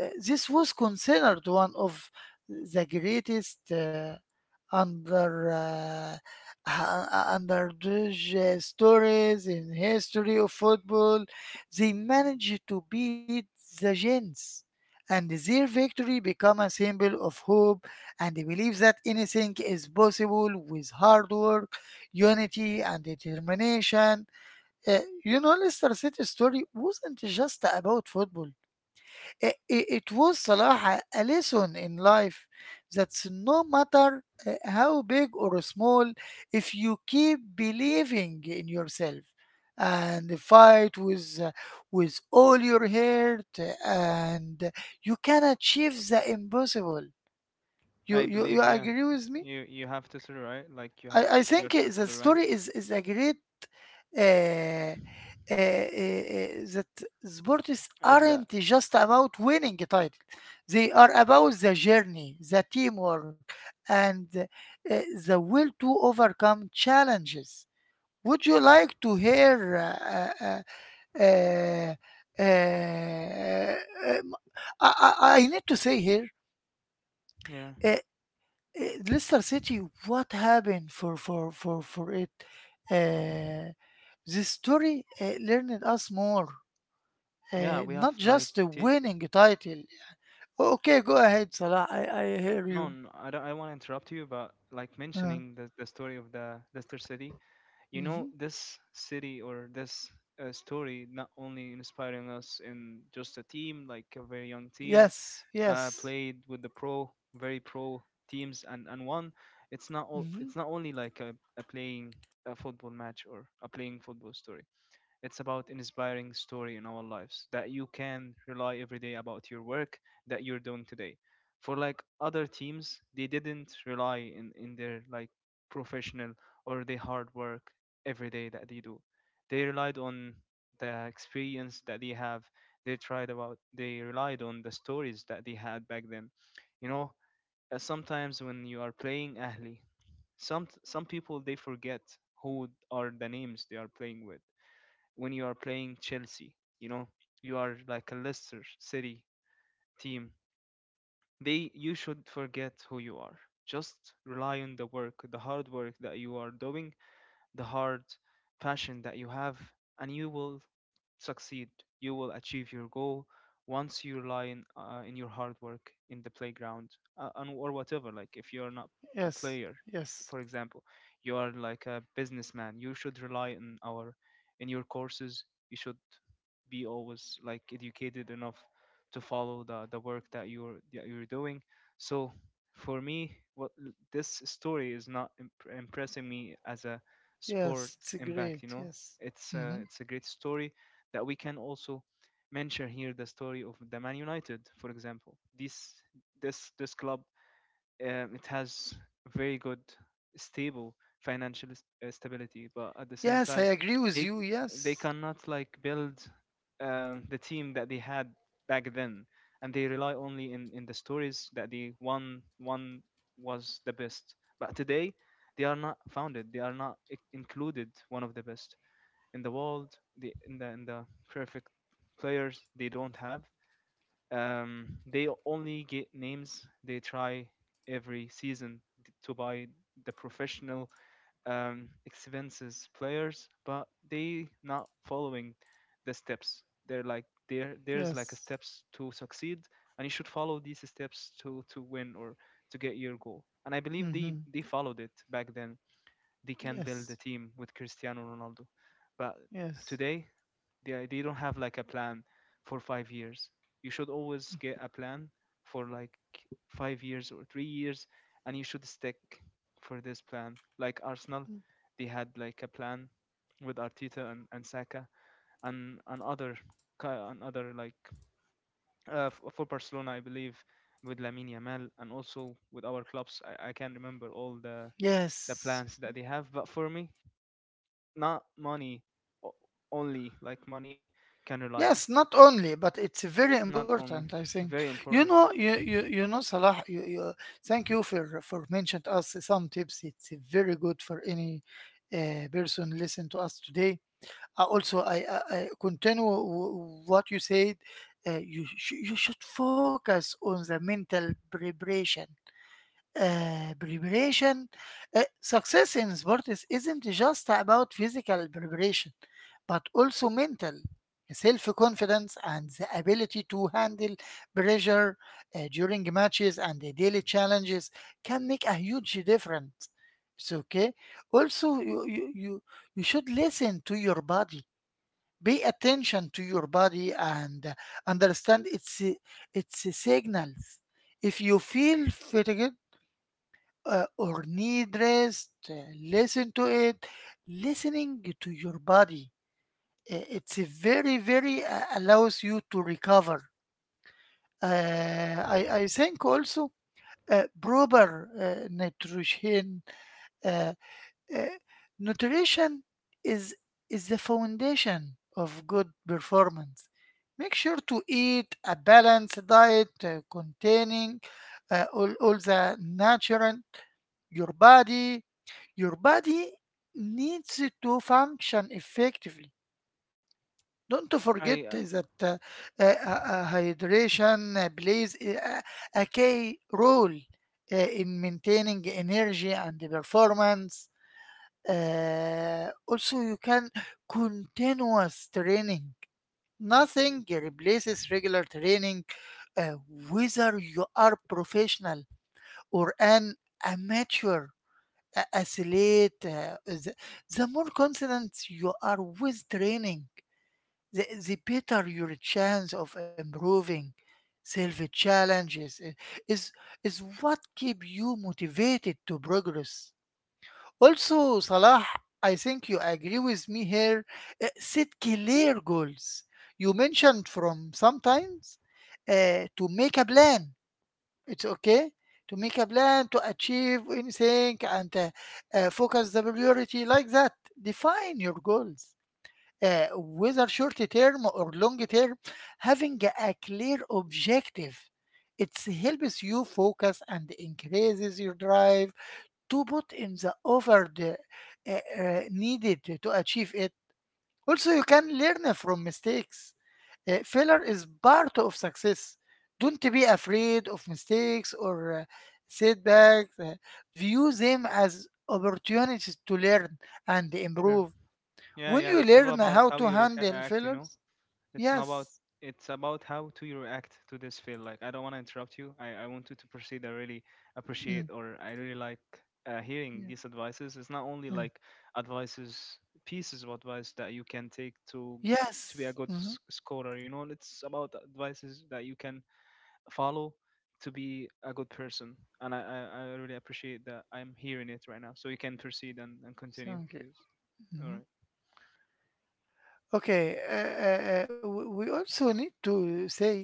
Uh, this was considered one of the greatest. Uh, under uh, ha- uh, under those uh, stories in history of football, they managed to beat the Gens, and their victory become a symbol of hope and the belief that anything is possible with hard work, unity, and determination. Uh, you know, Leicester City's story wasn't just about football. I- i- It was Salah, a lesson in life that no matter uh, how big or small, if you keep believing in yourself and fight with uh, with all your heart, uh, and you can achieve the impossible. You
I
you, you
believe, yeah.
agree with me?
You you have Tutor, right? Like you
I
have
I think
your
i- the
Tutor, right?
story is is a great uh, uh, uh, uh, that sports
And that,
aren't just about winning a title. They are about the journey, the teamwork, and uh, the will to overcome challenges. Would you like to hear uh, uh, uh, uh, uh, um, I, I I need to say here?
yeah,
uh, Eh, Leicester City, what happened for for for for it? Uh, this story uh, learned us more,
yeah. We
uh,
have
not
like
just the
t-
winning title. Okay, go ahead, Salah, I, I
uh,
hear
no,
you.
no, I don't. I want to interrupt you, but like
Uh,
mentioning the the story of the Leicester City. You know
mhm.
this city, or this, uh, story not only inspiring us in just a team, like a very young team,
Yes,
uh,
yes,
played with the pro, very pro teams, and and won. It's not all it's
hmm,
not only like a, a playing a football match or a playing football story. It's about inspiring story in our lives, that you can rely every day about your work that you're doing today. For like other teams, they didn't rely in, in their like professional or the hard work every day that they do. They relied on the experience that they have. They tried about they relied on the stories that they had back then. You know, uh, sometimes when you are playing Ahli, some some people they forget who are the names they are playing with when you are playing Chelsea. You know, you are like a Leicester City team. They, you should forget who you are. Just rely on the work, the hard work that you are doing, the hard passion that you have, and you will succeed. You will achieve your goal once you rely in, uh, in your hard work in the playground, uh, and, or whatever. Like if you're not a
yes,
player, for
yes,
example, you are like a businessman. You should rely on our in your courses. You should be always like educated enough to follow the, the work that you're that you're doing. So for me, what this story is not imp- impressing me as a sport
yes, it's
impact, you
great.
know.
Yes,
It's a,
hmm,
it's a great story that we can also mention here, the story of the man united, for example. This this this club, um, it has very good stable financial s- uh, stability, but at the same
yes, I
time
agree with
they
you.
they
Yes,
cannot like build um, the team that they had back then, and they rely only in in the stories that the one one was the best, but today they are not founded, they are not i- included one of the best in the world. The in the In the perfect players they don't have. um, they only get names. They try every season t- to buy the professional, um, expenses players, but they not following the steps. They're like, there there's like a
yes,
steps to succeed, and you should follow these steps to to win or to get your goal. And I believe they
hmm,
they followed it back then. They can build a
yes,
team with Cristiano Ronaldo, but
yes,
today they they don't have like a plan for five years. You should always get a plan for like five years or three years, and you should stick for this plan. Like Arsenal,
mm,
they had like a plan with Arteta and, and Saka and and other ki- and other like, uh, f- for Barcelona, I believe with Lamine Yamal, and also with our clubs. I, I can't remember all the the
yes.
plans that they have, but for me, not money, o- only like money can rely on.
Yes, not only, but it's very
Not only.
important, I
Very
think.
important.
You know, you you, you know, Salah, You, you thank you for for mentioned us some tips. It's very good for any uh, person listen to us today. Uh, also, I, I, I continue w- what you said. Uh, you sh- you should focus on the mental preparation uh, preparation. Uh, success in sports isn't just about physical preparation, but also mental, self confidence, and the ability to handle pressure uh, during matches and the daily challenges can make a huge difference. It's okay. Also, you, you, you, you should listen to your body. Pay attention to your body and uh, understand its its signals. If you feel fatigued, uh, or need rest, uh, listen to it. Listening to your body, uh, it's a very, very uh, allows you to recover. Uh, I, I think also uh, proper uh, nutrition, uh, uh, nutrition is is the foundation of good performance. Make sure to eat a balanced diet uh, containing uh, all, all the nutrient your body your body needs to function effectively. Don't forget
I, uh,
that uh, uh, uh, hydration uh, plays a, a key role uh, in maintaining energy and performance. Uh, also, you can continuous training. Nothing replaces regular training, uh, whether you are professional or an amateur a- athlete. Uh, the, the more consistent you are with training, the, the better your chance of improving. Self challenges uh, is is what keep you motivated to progress. Also, Salah, I think you agree with me here. Uh, set clear goals. You mentioned from sometimes uh, to make a plan. It's okay to make a plan to achieve anything and uh, uh, focus the priority like that. Define your goals, Uh, whether short term or long term. Having a clear objective, it helps you focus and increases your drive to put in the over the uh, uh, needed to achieve it. Also, you can learn from mistakes. Uh, failure is part of success. Don't be afraid of mistakes or uh, setbacks. Uh, view them as opportunities to learn and
sure.
improve.
Yeah,
When
yeah.
you
It's all
learn
about
how
how
to
you reca-
handle
act. You know,
failures,
it's not about.
yes,
It's about how to you react to this feel. Like I don't want to interrupt you. I I want you to proceed. I really appreciate,
mm,
or I really like uh, hearing
yeah,
these advices. It's not only
yeah,
like advices, pieces of advice that you can take to to be a
yes,
good
mhm.
s- scorer. You know, it's about advices that you can follow to be a good person. And I, I, I really appreciate that I'm hearing it right now. So you can proceed and, and continue,
Thank you.
please. All
Mhm.
right.
Okay, uh, uh, uh, we we also need to say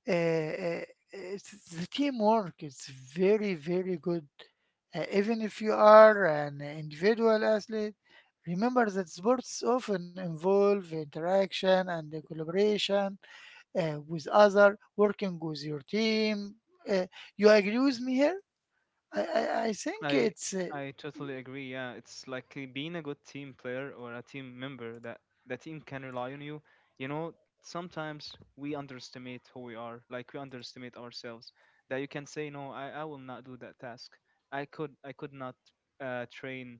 uh, uh, it's the teamwork, it's very very good. Uh, even if you are an individual athlete, remember that sports often involve interaction and the collaboration uh, with other working with your team. Uh, you agree with me here? I, I, I think
I
it's uh,
I totally agree. Yeah, it's like uh, being a good team player or a team member, that the team can rely on you. You know, sometimes we underestimate who we are, like we underestimate ourselves. That you can say, no, I, I will not do that task. I could I could not uh, train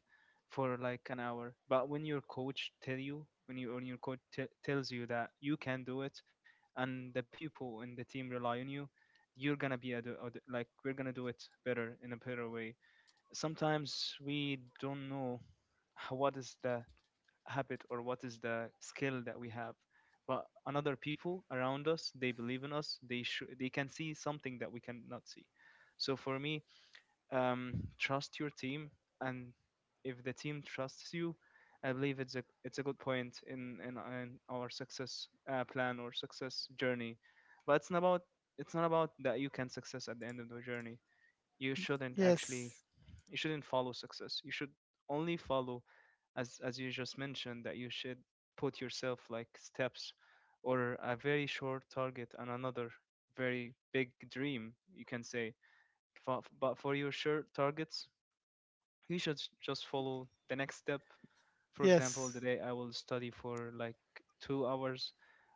for like an hour. But when your coach tell you, when you when your coach t- tells you that you can do it, and the people in the team rely on you, you're gonna be a do, a do- like we're gonna do it better in a better way. Sometimes we don't know h- what is the habit or what is the skill that we have, but another people around us, they believe in us, they sh- they can see something that we cannot see. So for me, um, trust your team, and if the team trusts you, I believe it's a it's a good point in in, in our success uh, plan or success journey. But it's not about, it's not about that you can success at the end of the journey. You shouldn't actually,
yes,
you shouldn't follow success. You should only follow, as as you just mentioned, that you should put yourself like steps or a very short target and another very big dream, you can say. Fo- but for your short targets, you should s- just follow the next step. For example,
yes,
today I will study for like two hours,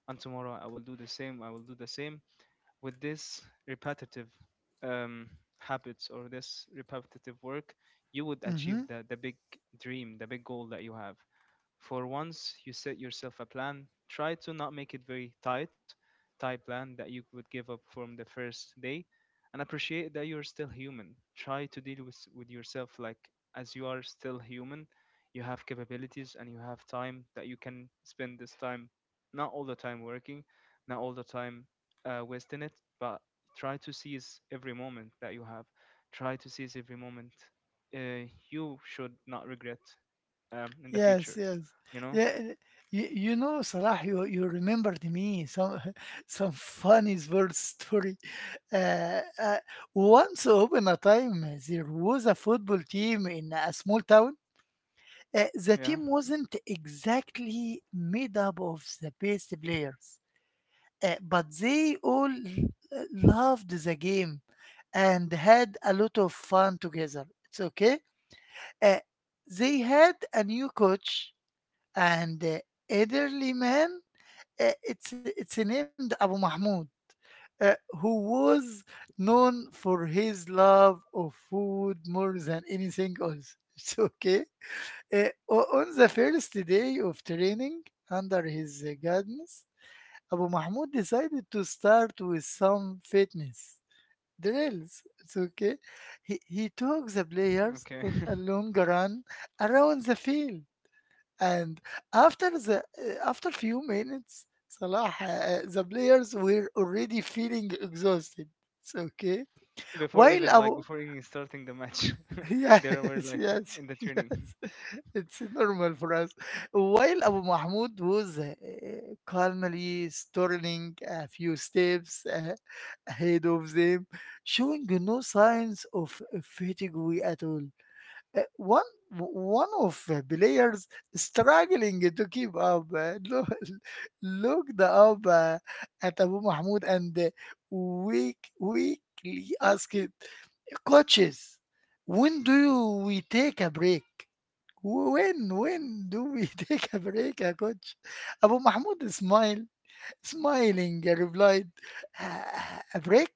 and tomorrow I will do the same, I will do the same. With this repetitive um, habits, or this repetitive work, you would achieve
hmm,
the, the big dream, the big goal that you have. For once you set yourself a plan, try to not make it very tight, tight plan, that you would give up from the first day, and appreciate that you're still human. Try to deal with with yourself like as you are still human. You have capabilities and you have time that you can spend this time, not all the time working, not all the time uh, wasting it, but try to seize every moment that you have. Try to seize every moment. Uh, you should not regret um, in the
yes,
future.
yes.
You know?
Yeah, you, you know, Salah, you, you remembered me some some funny bird story. Uh, uh, Once upon a time, there was a football team in a small town. Uh, the
Yeah.
team wasn't exactly made up of the best players, uh, but they all l- loved the game and had a lot of fun together. It's okay. Uh, they had a new coach and uh, elderly man. Uh, it's it's named Abu Mahmoud, uh, who was known for his love of food more than anything else. It's okay. Uh, o- on the first day of training under his uh, guidance, Abu Mahmoud decided to start with some fitness drills. It's okay. He, he took the players
Okay.
on a long run around the field, and after the uh, after few minutes, Salah, uh, the players were already feeling exhausted. It's okay.
Before
While
even, like,
Abu,
before even starting the match,
yes,
there were like
yes,
in the training.
yes, it's normal for us. While Abu Mahmoud was uh, calmly turning a few steps uh, ahead of them, showing no signs of fatigue at all. Uh, one one of uh, players struggling to keep up, Uh, look, looked up uh, at Abu Mahmoud and uh, weak, weakly asked, "Coaches, when do you, we take a break? When when do we take a break, uh, coach?" Abu Mahmoud smiled, smiling, uh, replied, "Ah, "A break?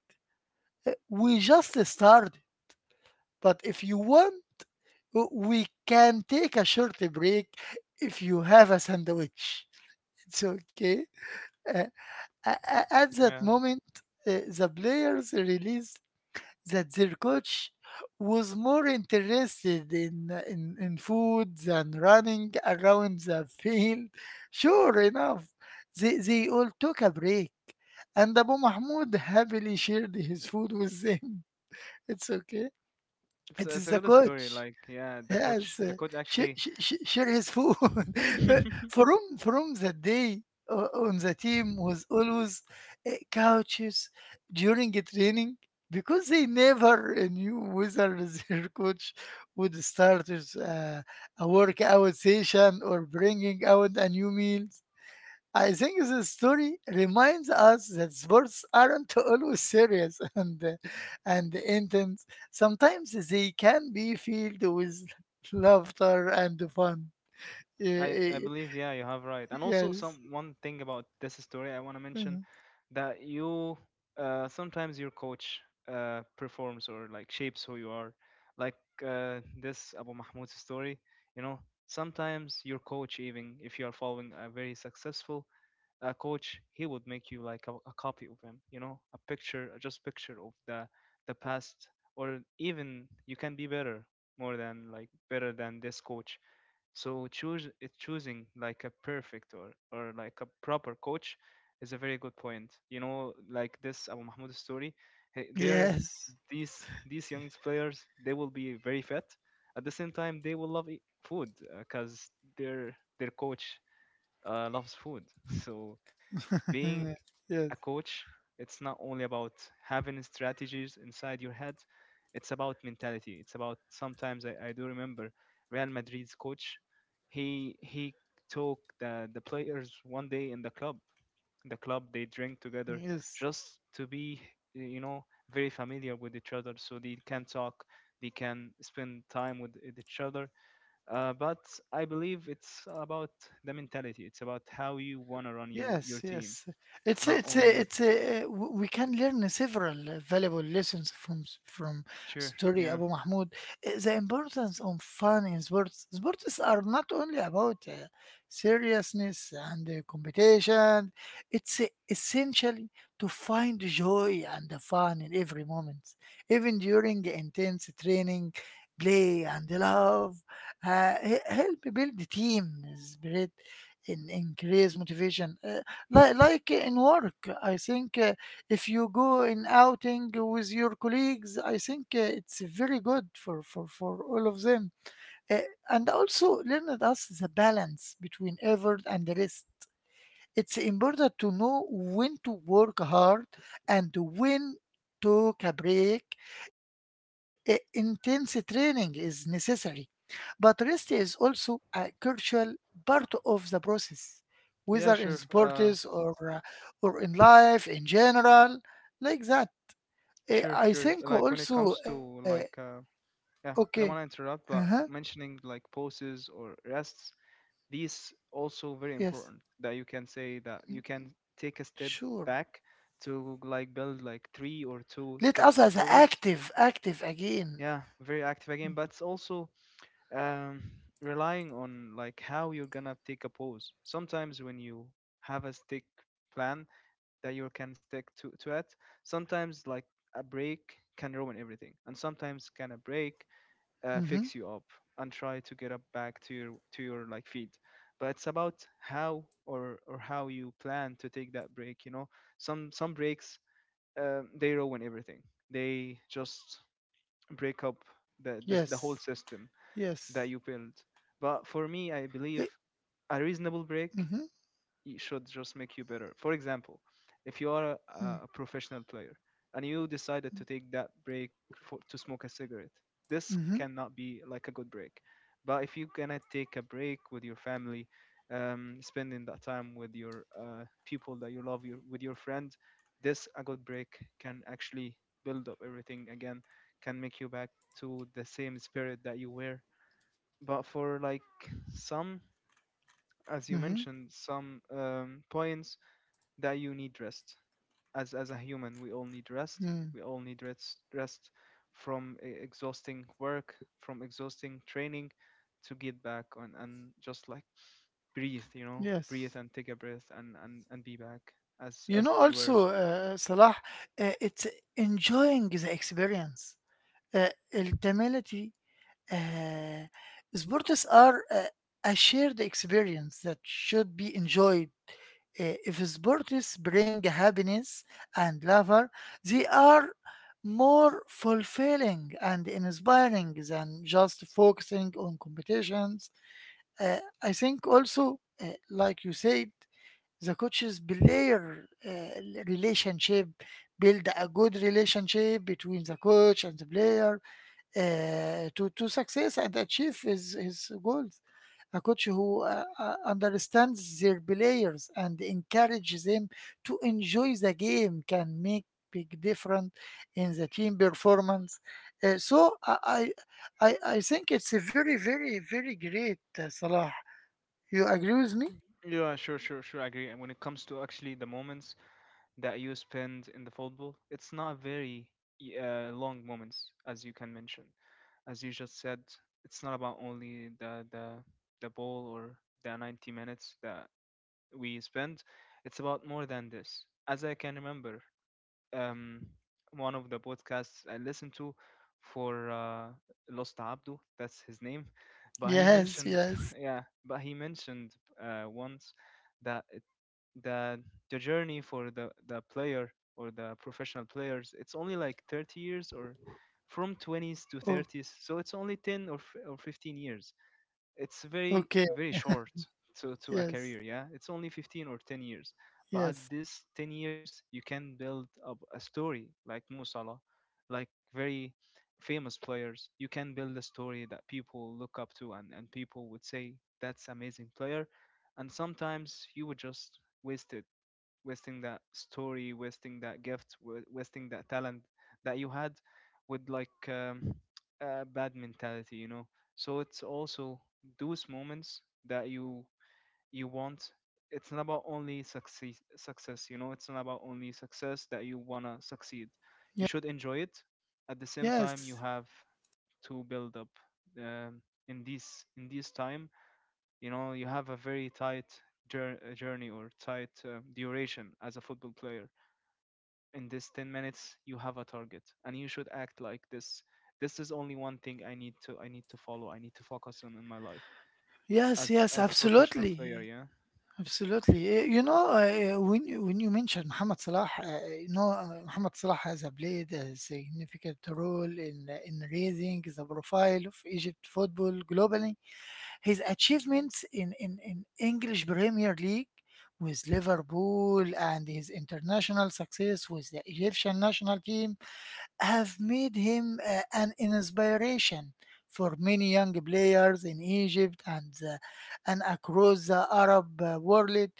Uh, We just started, but if you want, W- we can take a short break if you have a sandwich." It's okay. Uh, a- a- at that
Yeah.
moment, uh, the players realized that their coach was more interested in, in, in food than running around the field. Sure enough, they, they all took a break, and Abu Mahmoud happily shared his food with them. It's okay.
It's
It
it's
is
a
the
good story.
coach.
Like yeah, the coach
Yes,
the
uh,
coach
sh-
actually,
sh- sh- share his food. Uh, from from the day o- on the team was always uh, couches during the training because they never uh, knew whether their coach would start with, uh, a workout session or bringing out a new meal. I think this story reminds us that sports aren't always serious and uh, and intense. Sometimes they can be filled with laughter and fun. Y-
I I
y-
believe, yeah, you have right. And also
Yes.
some one thing about this story I want to mention,
Mhm.
that you, uh, sometimes your coach, uh, performs or like shapes who you are. Like, uh, this Abu Mahmoud's story, you know, sometimes your coach, even if you are following a very successful, a coach, he would make you like a, a copy of him, you know, a picture, just picture of the the past, or even you can be better, more than, like, better than this coach. So choose it, choosing like a perfect, or or like a proper coach, is a very good point, you know, like this Abu Mahmoud story. Hey, there,
Yes.
these these young players, they will be very fit. At the same time, they will love eat food, because their their coach uh, loves food. So, being
yes.
a coach, it's not only about having strategies inside your head, it's about mentality. It's about sometimes, I, I do remember Real Madrid's coach, he he took the, the players one day in the club. The club, they drink together,
Yes.
just to be, you know, very familiar with each other, so they can talk, they can spend time with each other. Uh, but I believe it's about the mentality. It's about how you wanna run your, your
Yes,
team.
yes. It's a-
Not
it's a-
only,
it's a, w- we can learn several uh, valuable lessons from s- from
sure,
story
yeah.
Abu Mahmoud. Uh, The importance of fun in sports. Sports are not only about uh, seriousness and uh, competition. It's uh, essentially to find joy and the fun in every moment, even during intense training, play and love. Uh, he- help build the team spirit in increase motivation. Uh, like, like in work, I think uh, if you go in outing with your colleagues, I think uh, it's very good for, for, for all of them. Uh, and also learned us the balance between effort and rest. It's important to know when to work hard and when to take a break. Uh, intense training is necessary but rest is also a crucial part of the process, whether in
Yeah, sure,
sports
uh
or uh, or in life in general, like that. Eh,
sure,
I
sure,
think
like when it
also
comes to
uh,
like, uh, yeah,
okay.
I don't want to
Uh-huh.
interrupt, but mentioning like poses or rests, these also very
Yes.
important, that you can say
Mm.
that you can take a step
Sure.
back, to like build like three or two
Let us
steps
as
forward.
active, active again.
Yeah, very active again, but it's also um, relying on like how you're gonna take a pause. Sometimes when you have a stick plan that you can stick to to it, sometimes like a break can ruin everything, and sometimes can a break uh,
Mm-hmm.
fix you up and try to get up back to your, to your like feet. But it's about how, or or how you plan to take that break. You know, some some breaks, um, they ruin everything. They just break up the the, the whole
Yes.
system that
Yes.
you build. But for me, I believe
Eh,
a reasonable break,
Mm-hmm.
it should just make you better. For example, if you are a,
Mm.
a professional player and you decided to take that break for, to smoke a cigarette, this
Mm-hmm.
cannot be like a good break. But if you cannot take a break with your family, um, spending that time with your uh, people that you love, your, with your friend, this a good break can actually build up everything again, can make you back to the same spirit that you were. But for like some, as you
Mm-hmm.
mentioned, some um, points that you need rest, as as a human, we all need
Mm.
rest, we all need rest rest from e- exhausting work, from exhausting training, to get back on and just like breathe, you know,
Yes.
breathe and take a breath, and and, and be back as
You
as
know,
you were.
also, uh, Salah, uh, it's enjoying the experience. uh, ultimately, uh, sports are uh, a shared experience that should be enjoyed. Uh, if sports bring happiness and laughter, they are more fulfilling and inspiring than just focusing on competitions. Uh, I think also, uh, like you said, the coaches player uh, relationship build a good relationship between the coach and the player uh, to to success and achieve his his goals. A coach who uh, uh, understands their players and encourages them to enjoy the game can make big difference in the team performance. Uh, so I, I I I think it's a very very very great uh, Salah. You agree with me?
Mhm. Yeah, sure, sure, sure. I agree. And when it comes to actually the moments that you spend in the football, it's not very, y- uh, long moments, as you can mention, as you just said. It's not about only the the the ball or the ninety minutes that we spend. It's about more than this. As I can remember, um, one of the podcasts I listened to for, uh, Lost Abdu, that's his name, but he
Yes,
mentioned,
yes.
yeah, but he mentioned, uh, once, that, that the journey for the the player or the professional players, it's only like thirty years, or from twenties to
Oh,
thirties, so it's only ten or, f- or fifteen years. It's very
okay.
very short to to a
Yes,
career. Yeah, it's only fifteen or ten years, but at
yes,
this ten years you can build up a story like Mo Salah, like very famous players. You can build a story that people look up to, and and people would say, that's amazing player. And sometimes you would just wasted, wasting that story, wasting that gift, wa- wasting that talent that you had, with like, um, a bad mentality, you know. So it's also those moments that you you want. It's not about only success, success, you know. It's not about only success that you wanna succeed. You
yes,
should enjoy it. At the same time, you
yes,
have to build up, um, in this, in this time, you know, you have a very tight, jour- uh, journey or tight uh, duration as a football player. In this ten minutes, you have a target, and you should act like this. This is only one thing I need to I need to follow. I need to focus on in my life
yes.
as
Yes.
as professional player.
Absolutely.
Yeah,
Absolutely. Uh, You know, uh, when you, when you mentioned Mohamed Salah, uh, you know, uh, Mohamed Salah has uh, played a significant role in eh, in raising the profile of Egypt football globally. His achievements in, in, in English Premier League with Liverpool and his international success with the Egyptian national team have made him uh, an inspiration for many young players in Egypt and, uh, and across the Arab uh, world.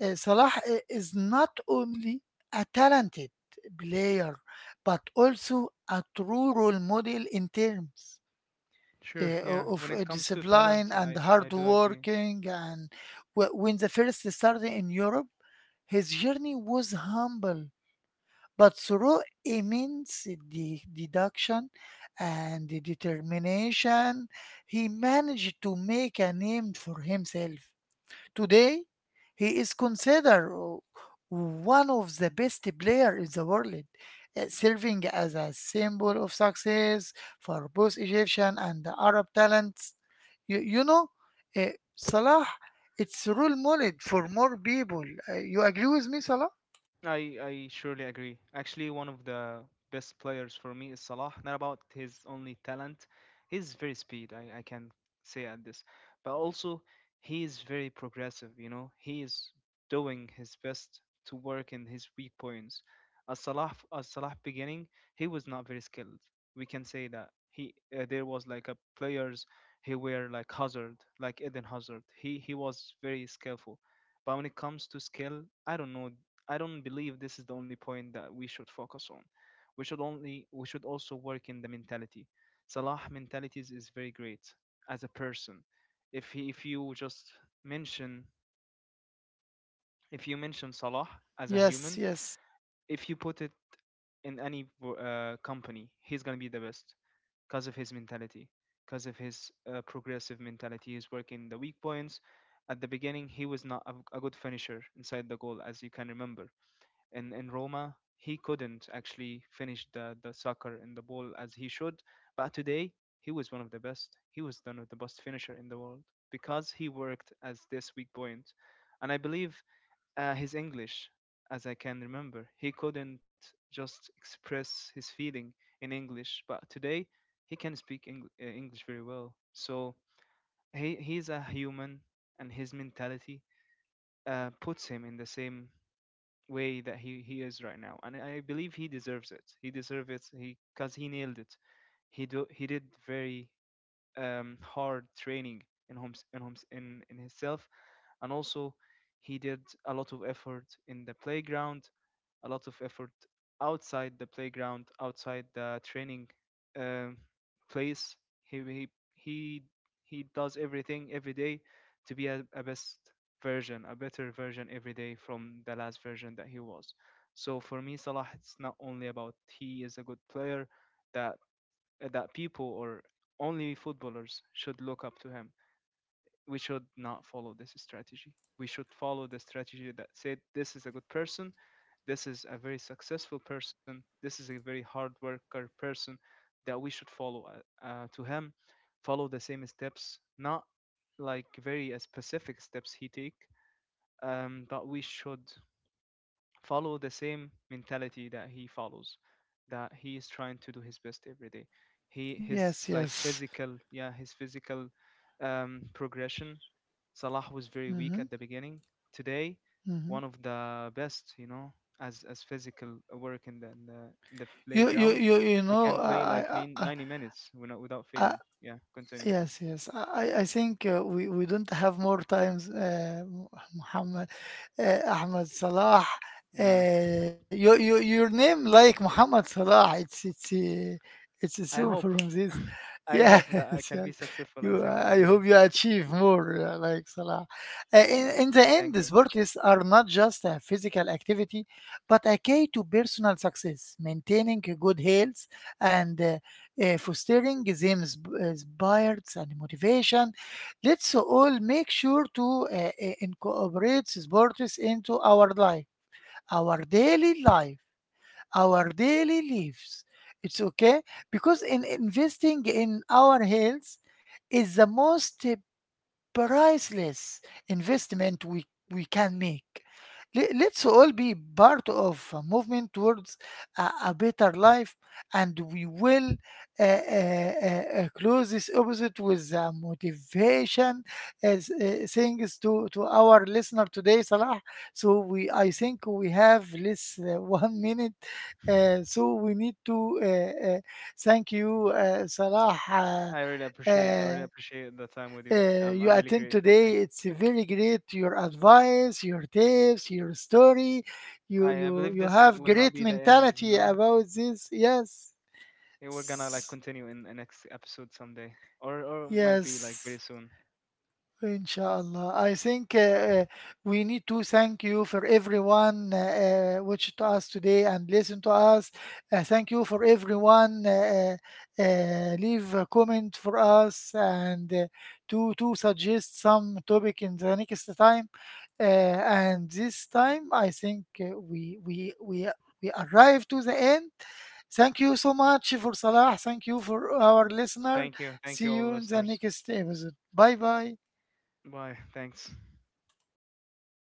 uh, Salah i- Is not only a talented player but also a true role model in terms
sure.
uh,
Yeah,
o-
when
of
it
uh,
comes to
discipline
talent,
and
I I
hard
do agree.
working and wh- when the first started in Europe his journey was humble but through immense de- deduction and determination he managed to make a name for himself. Today, he is considered o- one of the best players in the world, uh, serving as a symbol of success for both Egyptian and Arab talents. You, you know, uh, Salah, it's role model for more people. Uh, you agree with me, Salah?
I I surely agree. Actually, one of the best players for me is Salah. Not about his only talent, his very speed, I I can say at this, but also he is very progressive. You know, he is doing his best to work in his weak points. As Salah as Salah beginning, he was not very skilled. We can say that he, uh, there was like a players, he were like Hazard, like Eden Hazard. He he was very skillful. But when it comes to skill, I don't know. I don't believe this is the only point that we should focus on. We should only we should also work in the mentality. Salah mentalities is very great as a person. If he, if you just mention, if you mention Salah as a human,
Yes, yes,
if you put it in any uh, company, he's gonna be the best because of his mentality, because of his uh, progressive mentality. He's working the weak points. At the beginning, he was not a, a good finisher inside the goal, as you can remember in in Roma, he couldn't actually finish the the soccer and the ball as he should. But today, he was one of the best. He was one of the best finisher in the world because he worked as this weak point, point. And I believe, uh, his English, as I can remember, he couldn't just express his feeling in English. But today, he can speak Engl- uh, English very well. So he he's a human, and his mentality, uh, puts him in the same way that he, he is right now. And I believe he deserves it, he deserves it, he, because he nailed it. He do he did very, um hard training in homes, in homes, in in himself. And also he did a lot of effort in the playground, a lot of effort outside the playground, outside the training, um, place. He, he he he does everything every day to be a, a best version, a better version every day from the last version that he was. So for me, Salah, it's not only about he is a good player that that people, or only footballers, should look up to him. We should not follow this strategy. We should follow the strategy that said, this is a good person, this is a very successful person, this is a very hard worker person, that we should follow uh, uh, to him, follow the same steps, not like very uh, specific steps he take, um, but we should follow the same mentality that he follows, that he is trying to do his best every day. He his
yes,
like
yes.
physical, yeah, his physical, um, progression. Salah was very weak
Hmm.
at the beginning, today
Hmm.
one of the best, you know, as as physical work in the in the, in the
You, you,
playground.
you, you
He
know,
can play like
uh,
nin-
I, I,
ninety minutes without without
I,
failing. Yeah, continue.
Yes, yes. I, I I think uh, we, we don't have more times, uh, Muhammad, uh, Ahmed Salah.
Yeah,
Uh, your, your, your name like Muhammad Salah. It's it's uh, it's
I
assumed
hope,
from this.
I
Yes,
hope that I can
yes.
be successful as
You,
him one
I
day.
hope you achieve more uh, like Salah. Uh, in, in the
Thank
end,
you.
sports are not just a physical activity, but a key to personal success, maintaining good health and uh, uh, fostering the inspires and motivation. Let's all make sure to uh, uh, incorporate sports into our life, our daily life, our daily lives. It's okay because in investing in our health is the most priceless investment we, we can make. Le- Let's all be part of a movement towards a, a better life, and we will uh, uh, uh, uh, close this opposite with uh, motivation as uh, things to, to our listener today, Salah. So we, I think we have less uh, one minute, uh, so we need to uh, uh, thank you, uh, Salah.
I really
Uh,
appreciate. I really
uh,
appreciate the time with you.
uh,
I'm I'm
you
really
attend
grateful.
today.
Thank
It's very great. Your advice, your tips, your story.
you.
You
I, I
you
believe
you
this
have
will not
great
be the end. You
mentality
know,
about this. Yes,
eh, we're gonna like
S-
continue in the next episode someday, or or it might be like very
yes.
soon.
Inshallah. I think uh, uh, we need to thank you for everyone uh, uh, which to us today and listen to us. Uh, thank you for everyone. Uh, uh, uh, leave a comment for us and uh, to to suggest some topic in the next time. Uh, and this time, I think uh, we we we we arrive to the end. Thank you so much for Salah. Thank you for our listener.
Thank you. Thank you
See
all
you in the
listeners.
next episode. Bye bye.
Bye. Thanks.